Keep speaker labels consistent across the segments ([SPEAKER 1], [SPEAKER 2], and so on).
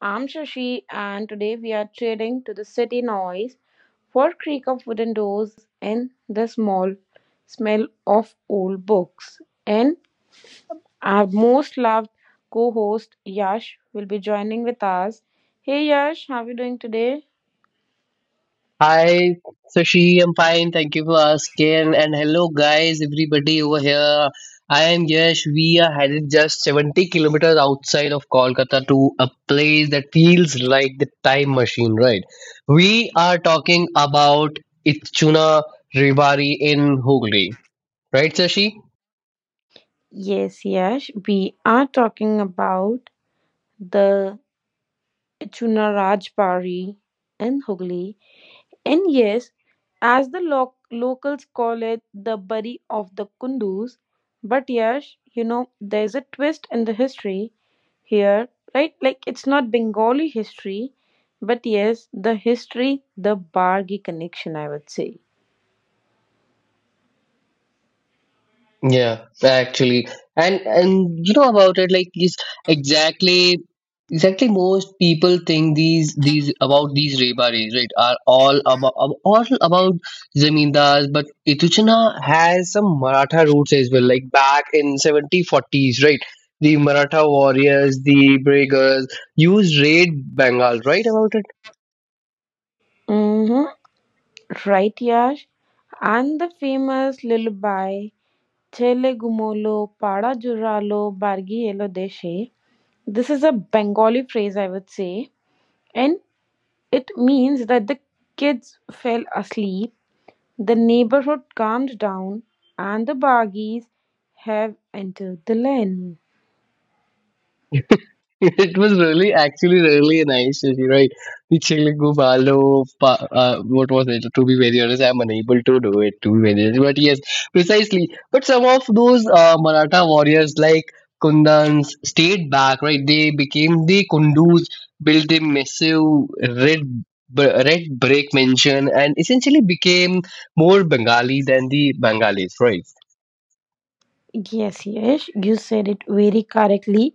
[SPEAKER 1] I'm Shashi, and today we are trading to the city noise for creak of wooden doors and the small smell of old books. And our most loved co-host Yash will be joining with us. Hey Yash, how are you doing today?
[SPEAKER 2] Hi, Sashi. I'm fine, thank you for asking. And hello, guys, everybody over here. I am Yash. We are headed just 70 kilometers outside of Kolkata to a place that feels like the time machine, right? We are talking about Itchuna Rewari in Hooghly, right, Sashi?
[SPEAKER 1] Yes, Yash, we are talking about the Chunna Rajbari in Hooghly. And yes, as the locals call it, the bury of the Kundus. But yes, there's a twist in the history here, right? Like, it's not Bengali history, but yes, the history, the Bargi connection, I would say.
[SPEAKER 2] Yeah, actually, and about it, like is exactly exactly most people think these about these rebaris, right, are all about zamindars, but Ituchna has some Maratha roots as well, like back in 1740s, right? The Maratha warriors, the Braggers used raid Bengal, right? About it.
[SPEAKER 1] Hmm. Right, Yash? And the famous lullaby, Chele Gumolo, Pada Juralo, Bargi Elo Deshe. This is a Bengali phrase, I would say. And it means that the kids fell asleep, the neighborhood calmed down, and the baggies have entered the land.
[SPEAKER 2] It was really, actually, really nice, Shashi, right? The Telugu Balo, what was it? To be very honest, I'm unable to do it, to be very honest. But yes, precisely. But some of those Maratha warriors, like Kundans, stayed back, right? They became the Kundus, built a massive red brick mansion, and essentially became more Bengali than the Bengalis, right?
[SPEAKER 1] Yes, yes, you said it very correctly.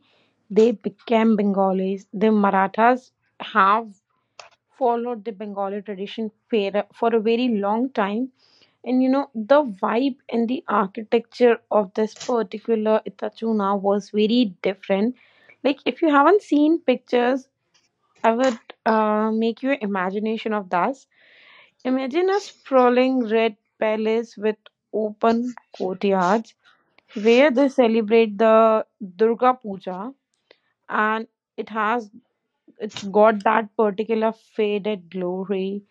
[SPEAKER 1] They became Bengalis. The Marathas have followed the Bengali tradition for a very long time. And the vibe and the architecture of this particular Itachuna was very different. Like, if you haven't seen pictures, I would make your imagination of thus. Imagine a sprawling red palace with open courtyards where they celebrate the Durga Puja, and it has it's got that particular faded glory,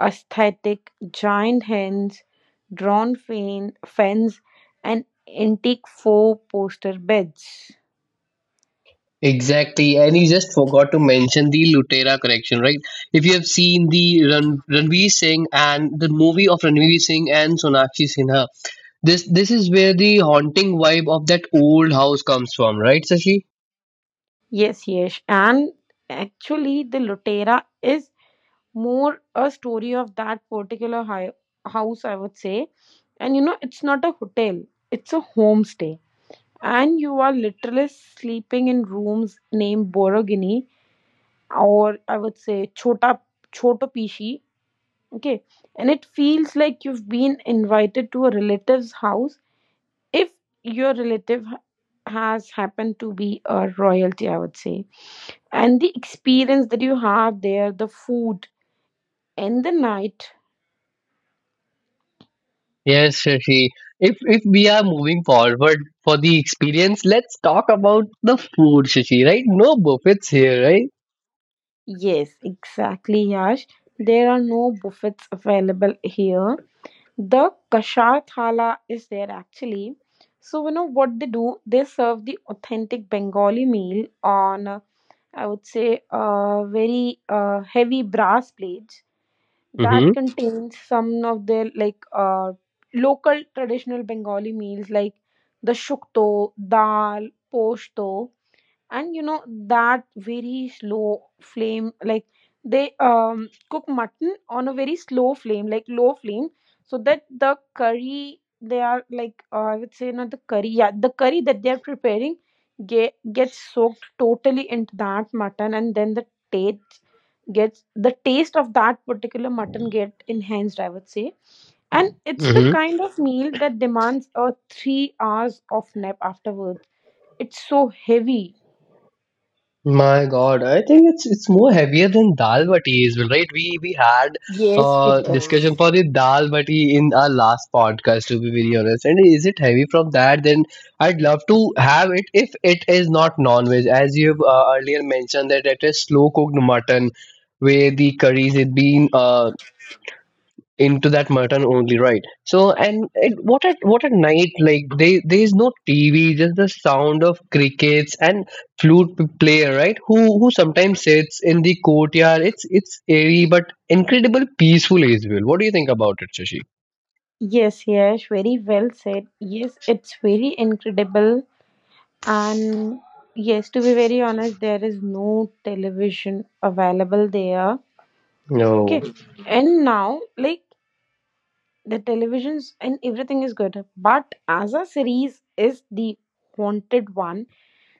[SPEAKER 1] aesthetic, giant hens, drawn fence and antique four poster beds.
[SPEAKER 2] Exactly, and you just forgot to mention the Lutera correction, right? If you have seen the Ranveer Singh and the movie of Ranveer Singh and Sonakshi Sinha, this is where the haunting vibe of that old house comes from, right, Sashi?
[SPEAKER 1] Yes, yes. And actually the Lutera is more a story of that particular house, I would say. And it's not a hotel, it's a homestay. And you are literally sleeping in rooms named Borogini or I would say Chota Chotopishi. Okay. And it feels like you've been invited to a relative's house if your relative has happened to be a royalty, I would say. And the experience that you have there, the food and the night.
[SPEAKER 2] Yes, Shashi. If we are moving forward for the experience, let's talk about the food, Shashi, right? No buffets here, right?
[SPEAKER 1] Yes, exactly, Yash. There are no buffets available here. The kashar thala is there actually. So you know what they do? They serve the authentic Bengali meal on, I would say, very heavy brass plates that contains some of their like local traditional Bengali meals like the shukto, dal, poshto. And you know that very slow flame, like they cook mutton on a very slow flame like low flame, so that the curry they are like I would say not the curry, yeah, the curry that they are preparing gets soaked totally into that mutton, and then the taste gets the taste of that particular mutton get enhanced, I would say. And it's the
[SPEAKER 2] Mm-hmm.
[SPEAKER 1] kind of meal that demands a 3 hour hours of nap afterwards. It's so heavy.
[SPEAKER 2] My God, I think it's more heavier than dal bati as well, right? We had
[SPEAKER 1] Yes, it
[SPEAKER 2] a
[SPEAKER 1] is.
[SPEAKER 2] discussion for the dal bati in our last podcast, to be very honest. And is it heavy from that? Then I'd love to have it if it is not non-veg, as you've earlier mentioned that it is slow cooked mutton, where the curries had been into that mutton only, right? So and it, what at night, like they, there is no TV, just the sound of crickets and flute player, right, who sometimes sits in the courtyard. It's airy but incredible peaceful as well. What do you think about it, Shashi?
[SPEAKER 1] Yes, yes, very well said. Yes, it's very incredible. And yes, to be very honest, there is no television available there. Okay.
[SPEAKER 2] No.
[SPEAKER 1] And now, like, the televisions and everything is good. But as a series is the wanted one.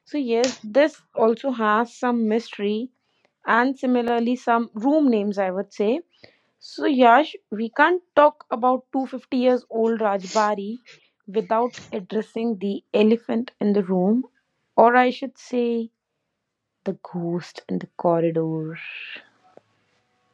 [SPEAKER 1] So yes, this also has some mystery and similarly some room names, I would say. So, Yash, we can't talk about 250 years old Rajbari without addressing the elephant in the room, or I should say, the ghost in the corridor.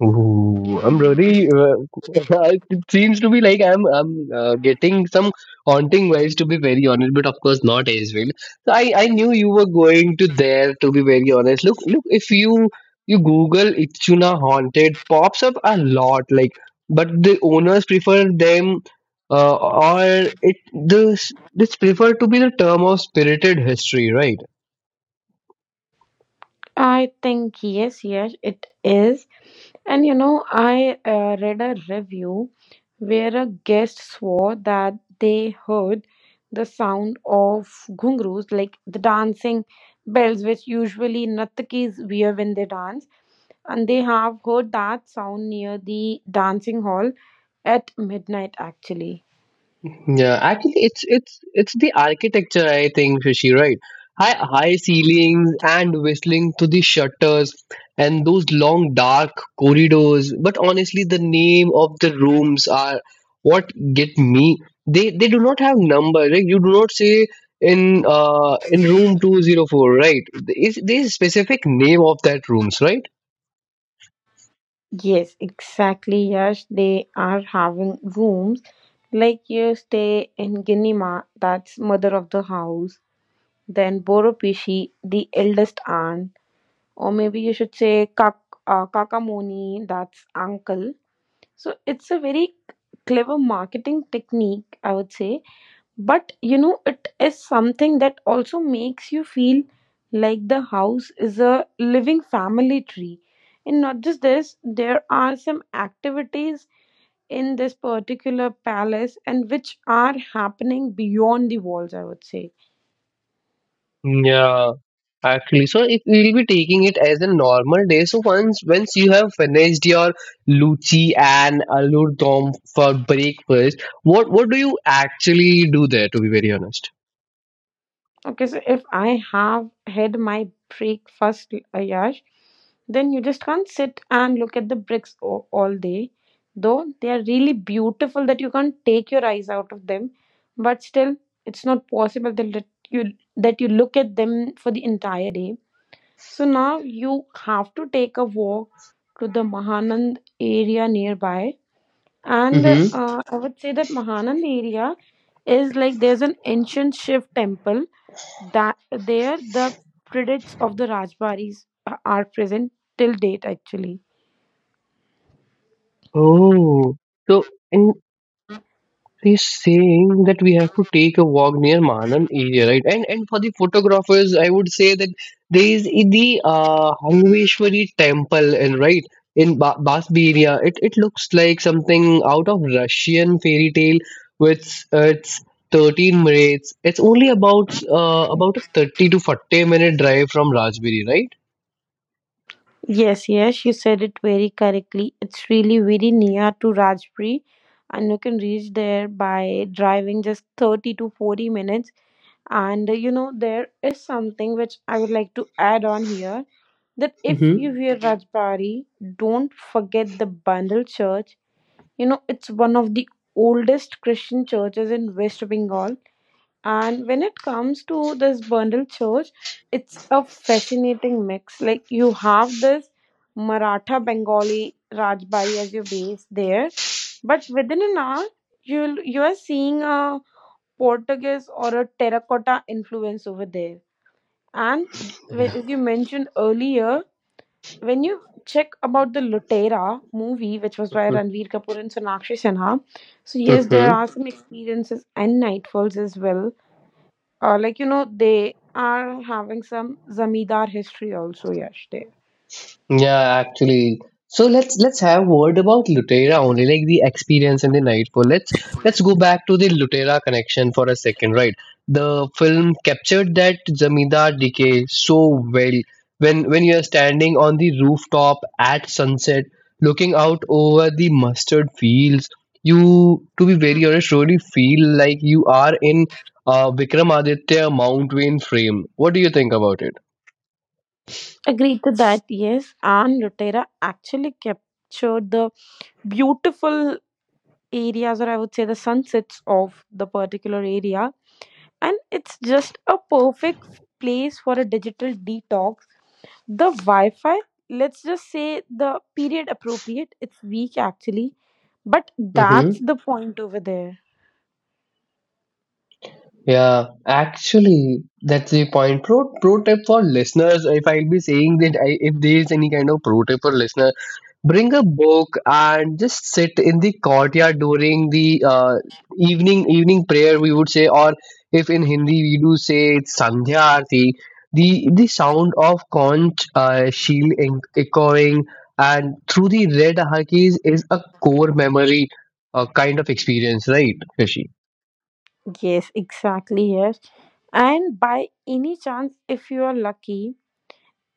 [SPEAKER 2] Ooh, I'm really. It seems to be like I'm. I'm getting some haunting vibes, to be very honest. But of course, not Israel. So I knew you were going to there. To be very honest, look, look. If you Google Itchuna haunted, pops up a lot. Like, but the owners prefer them, or it this prefer to be the term of spirited history, right?
[SPEAKER 1] I think, yes, yes, it is. And I read a review where a guest swore that they heard the sound of ghungroos, like the dancing bells which usually Nattakis wear when they dance, and they have heard that sound near the dancing hall at midnight, actually.
[SPEAKER 2] Yeah, actually, it's the architecture, I think, Shashi, right? High ceilings and whistling to the shutters and those long dark corridors. But honestly, the name of the rooms are what get me. They do not have number, right? You do not say in in room 204, right? Is there is specific name of that rooms, right?
[SPEAKER 1] Yes, exactly. Yes, they are having rooms like you stay in Ginima, that's mother of the house, then boropishi the eldest aunt, or maybe you should say Kak, kakamoni, that's uncle. So it's a very clever marketing technique, I would say. But it is something that also makes you feel like the house is a living family tree. And not just this, there are some activities in this particular palace, and which are happening beyond the walls, I would say.
[SPEAKER 2] Mm. Yeah, actually. So if we'll be taking it as a normal day, so once you have finished your luchi and aloo dom for breakfast, what do you actually do there? To be very honest.
[SPEAKER 1] Okay, so if I have had my breakfast, Ayash, then you just can't sit and look at the bricks all day. Though they are really beautiful that you can't take your eyes out of them, but still, it's not possible that let you that you look at them for the entire day. So now you have to take a walk to the Mahanand area nearby, and
[SPEAKER 2] Hmm.
[SPEAKER 1] I would say that Mahanand area is like there's an ancient Shiv temple that there the predates of the Rajbaris are present till date actually.
[SPEAKER 2] Oh, so. In. He's saying that we have to take a walk near Manan area, right? And for the photographers, I would say that there is the Hangveshwari temple, and right in Basberia, it looks like something out of Russian fairy tale with its 13 minutes. It's only about a 30 to 40 minute drive from Rajbiri, right?
[SPEAKER 1] Yes, yes, you said it very correctly. It's really very near to Rajpuri, and you can reach there by driving just 30 to 40 minutes. And there is something which I would like to add on here, that if you
[SPEAKER 2] Hmm.
[SPEAKER 1] hear Rajbari, don't forget the Bandel Church. It's one of the oldest Christian churches in West Bengal. And when it comes to this Bundle Church, it's a fascinating mix. Like you have this Maratha Bengali Rajbari as your base there, but within an hour, you are seeing a Portuguese or a terracotta influence over there. And as you mentioned earlier, when you check about the Lutera movie, which was by
[SPEAKER 2] Yeah.
[SPEAKER 1] Ranveer Kapoor and Sonakshi Sinha, so yes, there are some experiences and nightfalls as well, like they are having some zamindar history also, Yash, there.
[SPEAKER 2] Yeah, actually. So let's have word about Lutera only, like the experience in the nightfall. Let's go back to the Lutera connection for a second, right? The film captured that Zamindar decay so well. When you are standing on the rooftop at sunset, looking out over the mustard fields, you to be very honest, really feel like you are in Vikramaditya Mount Wayne frame. What do you think about
[SPEAKER 1] Agreed to that. Yes, and Lutera actually captured the beautiful areas, or I would say the sunsets of the particular area, and it's just a perfect place for a digital detox. The Wi-Fi, let's just say the period appropriate. It's weak actually, but that's
[SPEAKER 2] it?
[SPEAKER 1] the point over there.
[SPEAKER 2] Yeah, actually, that's the point. Pro tip for listeners, if I'll be saying that I, if there is any kind of pro tip for listener, bring a book and just sit in the courtyard during the evening evening prayer. We would say, or if in Hindi we do say it's Sandhya Aarti. The sound of conch shell echoing and through the red ahakis is a core memory, kind of experience, right, Rishi?
[SPEAKER 1] Yes, exactly. Yes. And by any chance, if you are lucky,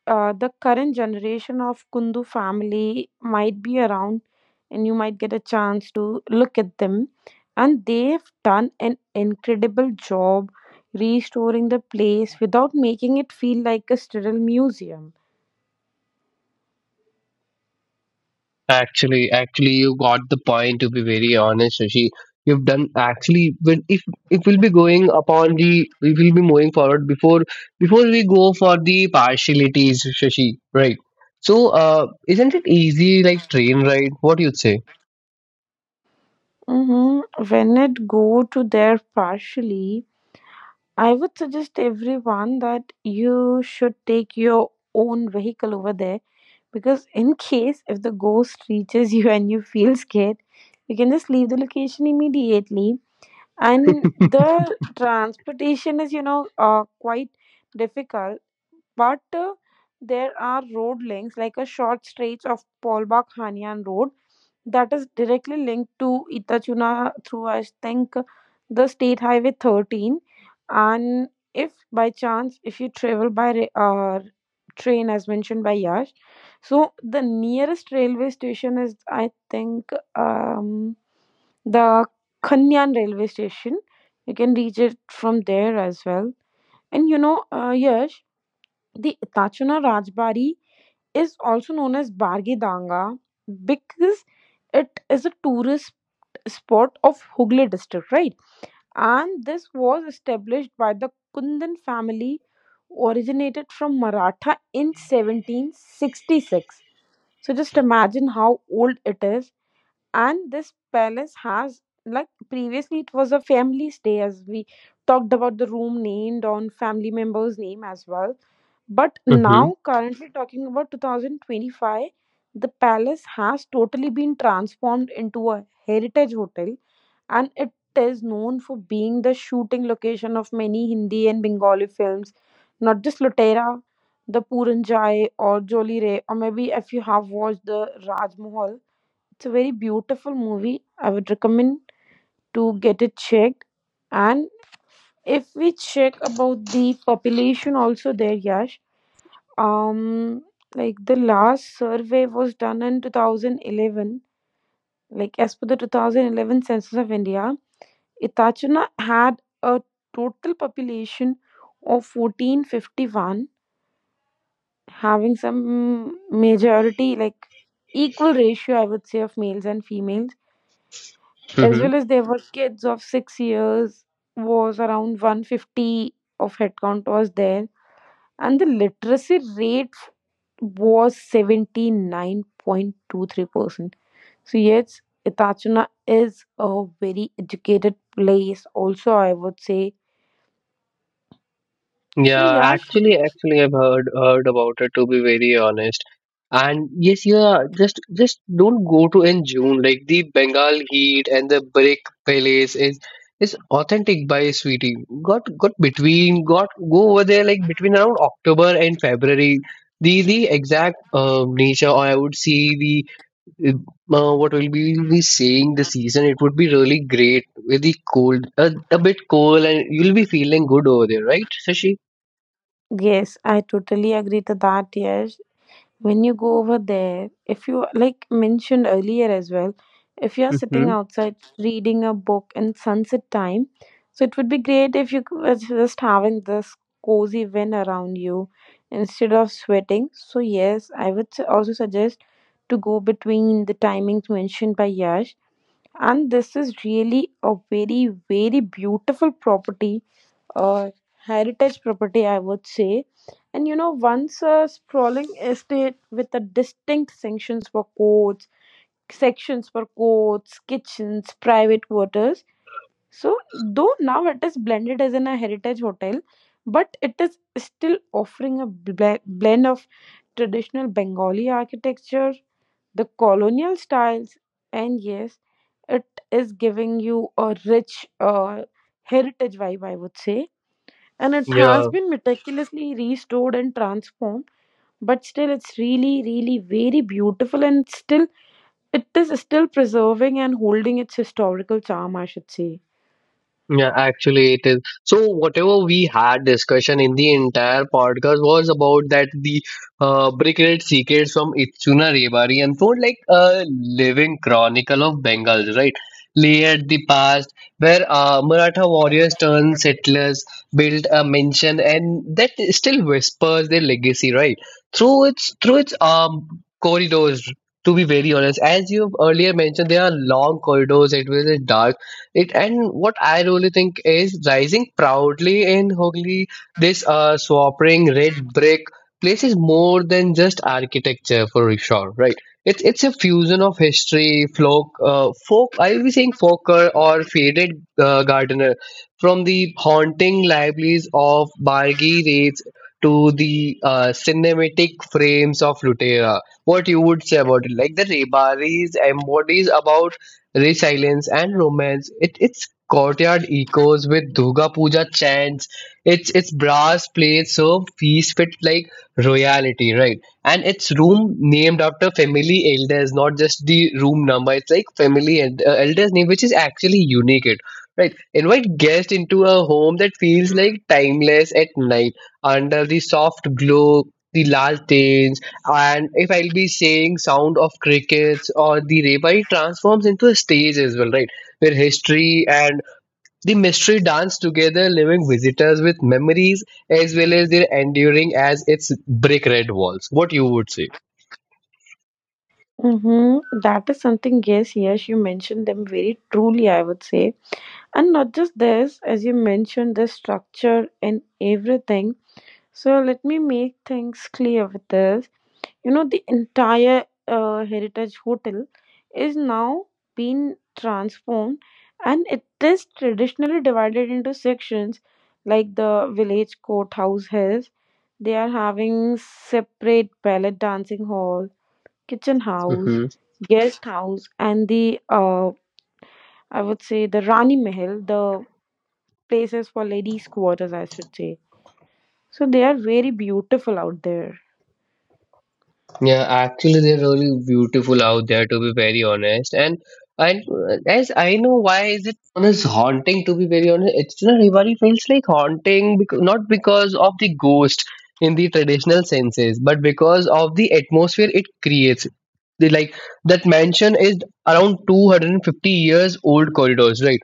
[SPEAKER 1] the current generation of Kundu family might be around and you might get a chance to look at them. And they've done an incredible job restoring the place without making it feel like a sterile museum.
[SPEAKER 2] Actually, actually, you got the point. To be very honest, Shashi, you've done actually. When if we'll be going upon the, we will be moving forward before we go for the partialities, Shashi. Right. So, isn't it easy like train ride? What you'd say?
[SPEAKER 1] Hmm. When it go to there partially, I would suggest everyone that you should take your own vehicle over there. Because in case if the ghost reaches you and you feel scared, you can just leave the location immediately. And the transportation is quite difficult, but there are road links like a short stretch of polbak hanyan road that is directly linked to Itachuna through I think the state highway 13. And if by chance if you travel by train as mentioned by Yash, so the nearest railway station is I think the Kanyan railway station. You can reach it from there as well. And Yash, the Itachuna Rajbari is also known as Bargidanga because it is a tourist spot of Hooghly district, right? And this was established by the Kundan family, originated from Maratha in 1766. So just imagine how old it is. And this palace has, like, previously it was a family stay as we talked about the room named on family members name as well, but
[SPEAKER 2] Mm-hmm.
[SPEAKER 1] now currently talking about 2025, the palace has totally been transformed into a heritage hotel, and it is known for being the shooting location of many Hindi and Bengali films, not just Lutera, the Puranjai or Joli Rae, or maybe if you have watched the Rajmahal. It's a very beautiful movie. I would recommend to get it checked. And if we check about the population also there, Yash, um, like the last survey was done in 2011. Like as per the 2011 census of India, Itachuna had a total population of 1,451, having some majority like equal ratio, I would say, of males and females, as well as there were kids of 6 years was around 150 of headcount was there, and the literacy rate was 79.23%. So yes, Itachuna is a very educated place, also, I would say. So,
[SPEAKER 2] Yeah,
[SPEAKER 1] Yash,
[SPEAKER 2] actually, actually, I've heard about it to be very honest. And yes, yeah, just don't go to in June. Like the Bengal heat and the brick palace is authentic by Sweetie. Got between got go over there like between around October and February. The exact nature, or I would see the uh, what will be saying the season. It would be really great with the cold, a bit cold, and you'll be feeling good over there, right, Sashi?
[SPEAKER 1] yes, I totally agree to that, Yash. When you go over there, if you like mentioned earlier as well, if you are sitting
[SPEAKER 2] Mm-hmm.
[SPEAKER 1] outside reading a book in sunset time, so it would be great if you was just having this cozy wind around you instead of sweating. So yes, I would also suggest to go between the timings mentioned by Yash. And this is really a very, very beautiful property, uh, heritage property, I would say. And once a sprawling estate with a distinct sections for courts, kitchens, private quarters. So though now it is blended as in a heritage hotel, but it is still offering a blend of traditional Bengali architecture, the colonial styles, and yes, it is giving you a rich heritage vibe, I would say. And it has
[SPEAKER 2] Yeah,
[SPEAKER 1] been meticulously restored and transformed, but still it's really really very beautiful, and still it is still preserving and holding its historical charm, I should say.
[SPEAKER 2] yeah, actually it is. So whatever we had discussion in the entire podcast was about that the brick red secrets from Itsuna Rebari and so like a living chronicle of Bengals, right? Layered the past where Maratha warriors turned settlers, built a mansion, and that still whispers their legacy, right? Through its corridors, to be very honest, as you've earlier mentioned, there are long corridors. It was a dark it and what I really think is rising proudly in Hogli, this swapping red brick place is more than just architecture for sure, right? It's a fusion of history folk folk, I'll be saying folker or faded gardener from the haunting libraries of bargy raids to the cinematic frames of Lutera. What you would say about it, like the Rebari's embodies about resilience and romance. It, its courtyard echoes with Durga Puja chants. Its brass plates serve feast with like royalty, right? And its room named after family elders, not just the room number. It's like family elders name, which is actually unique. It right invite guests into a home that feels like timeless at night under the soft glow, the lanterns, and if I'll be saying sound of crickets or the reba transforms into a stage as well, right, where history and the mystery dance together, leaving visitors with memories as well as their enduring as its brick red walls. What you would say?
[SPEAKER 1] Mm-hmm. That is something, yes, yes, you mentioned them very truly, I would say. And not just this, as you mentioned, the structure and everything. So let me make things clear with this. The entire Heritage Hotel is now being transformed, and it is traditionally divided into sections like the village courthouse has. They are having separate ballet dancing hall, kitchen house, guest house, and the I would say the Rani Mahal, the places for ladies' quarters, I should say. So they are very beautiful out there.
[SPEAKER 2] Yeah, actually, they're really beautiful out there, to be very honest. And as I know, why is it known as haunting? To be very honest, it's not Rewari feels like haunting because not because of the ghost in the traditional senses, but because of the atmosphere it creates. The like that mansion is around 250 years old corridors, right?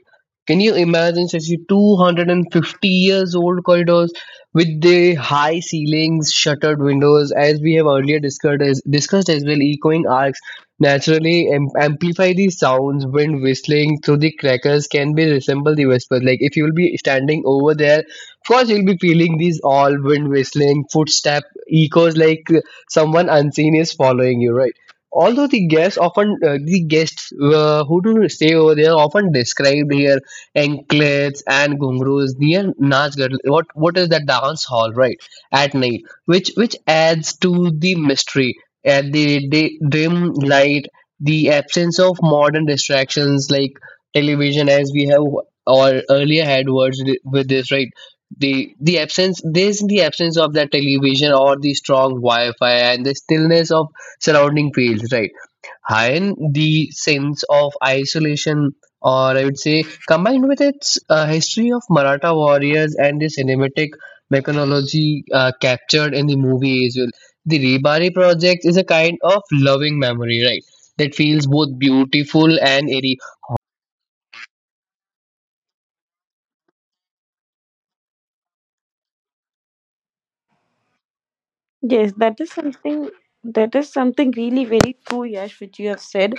[SPEAKER 2] Can you imagine such a 250 years old corridors? With the high ceilings, shuttered windows, as we have earlier discussed as well, echoing arcs naturally amplify the sounds. Wind whistling through the crackers can be resemble the whispers. Like if you will be standing over there, of course you'll be feeling these all wind whistling, footstep echoes like someone unseen is following you, right? Although the guests often the guests who do stay over there often described here anklets and ghungroos near Najgarh. What is that dance hall, right? At night, which adds to the mystery and the dim light, the absence of modern distractions like television, as we have or earlier had words with this, right? There's the absence of that television or the strong Wi-Fi and the stillness of surrounding fields, right? And the sense of isolation, or I would say, combined with its history of Maratha warriors and the cinematic mechanology captured in the movie as well. The Rebari project is a kind of loving memory, right? That feels both beautiful and eerie.
[SPEAKER 1] Yes, that is something, that is something really very true, Yash, which you have said.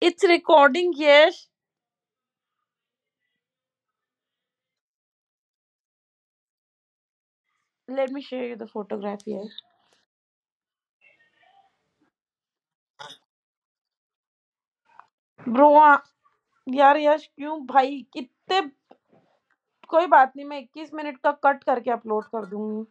[SPEAKER 1] It's recording, Yash. Let me show you the photograph here. Bro, आ- यार यश क्यों भाई कितने कोई बात नहीं मैं 21 minute का cut करके अपलोड कर दूंगी।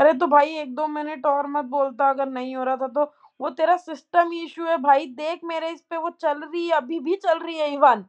[SPEAKER 1] अरे तो भाई एक दो मिनट और मत बोलता, अगर नहीं हो रहा था तो वो तेरा सिस्टम इशू है भाई। देख मेरे इस पे वो चल रही है, अभी भी चल रही है इवन।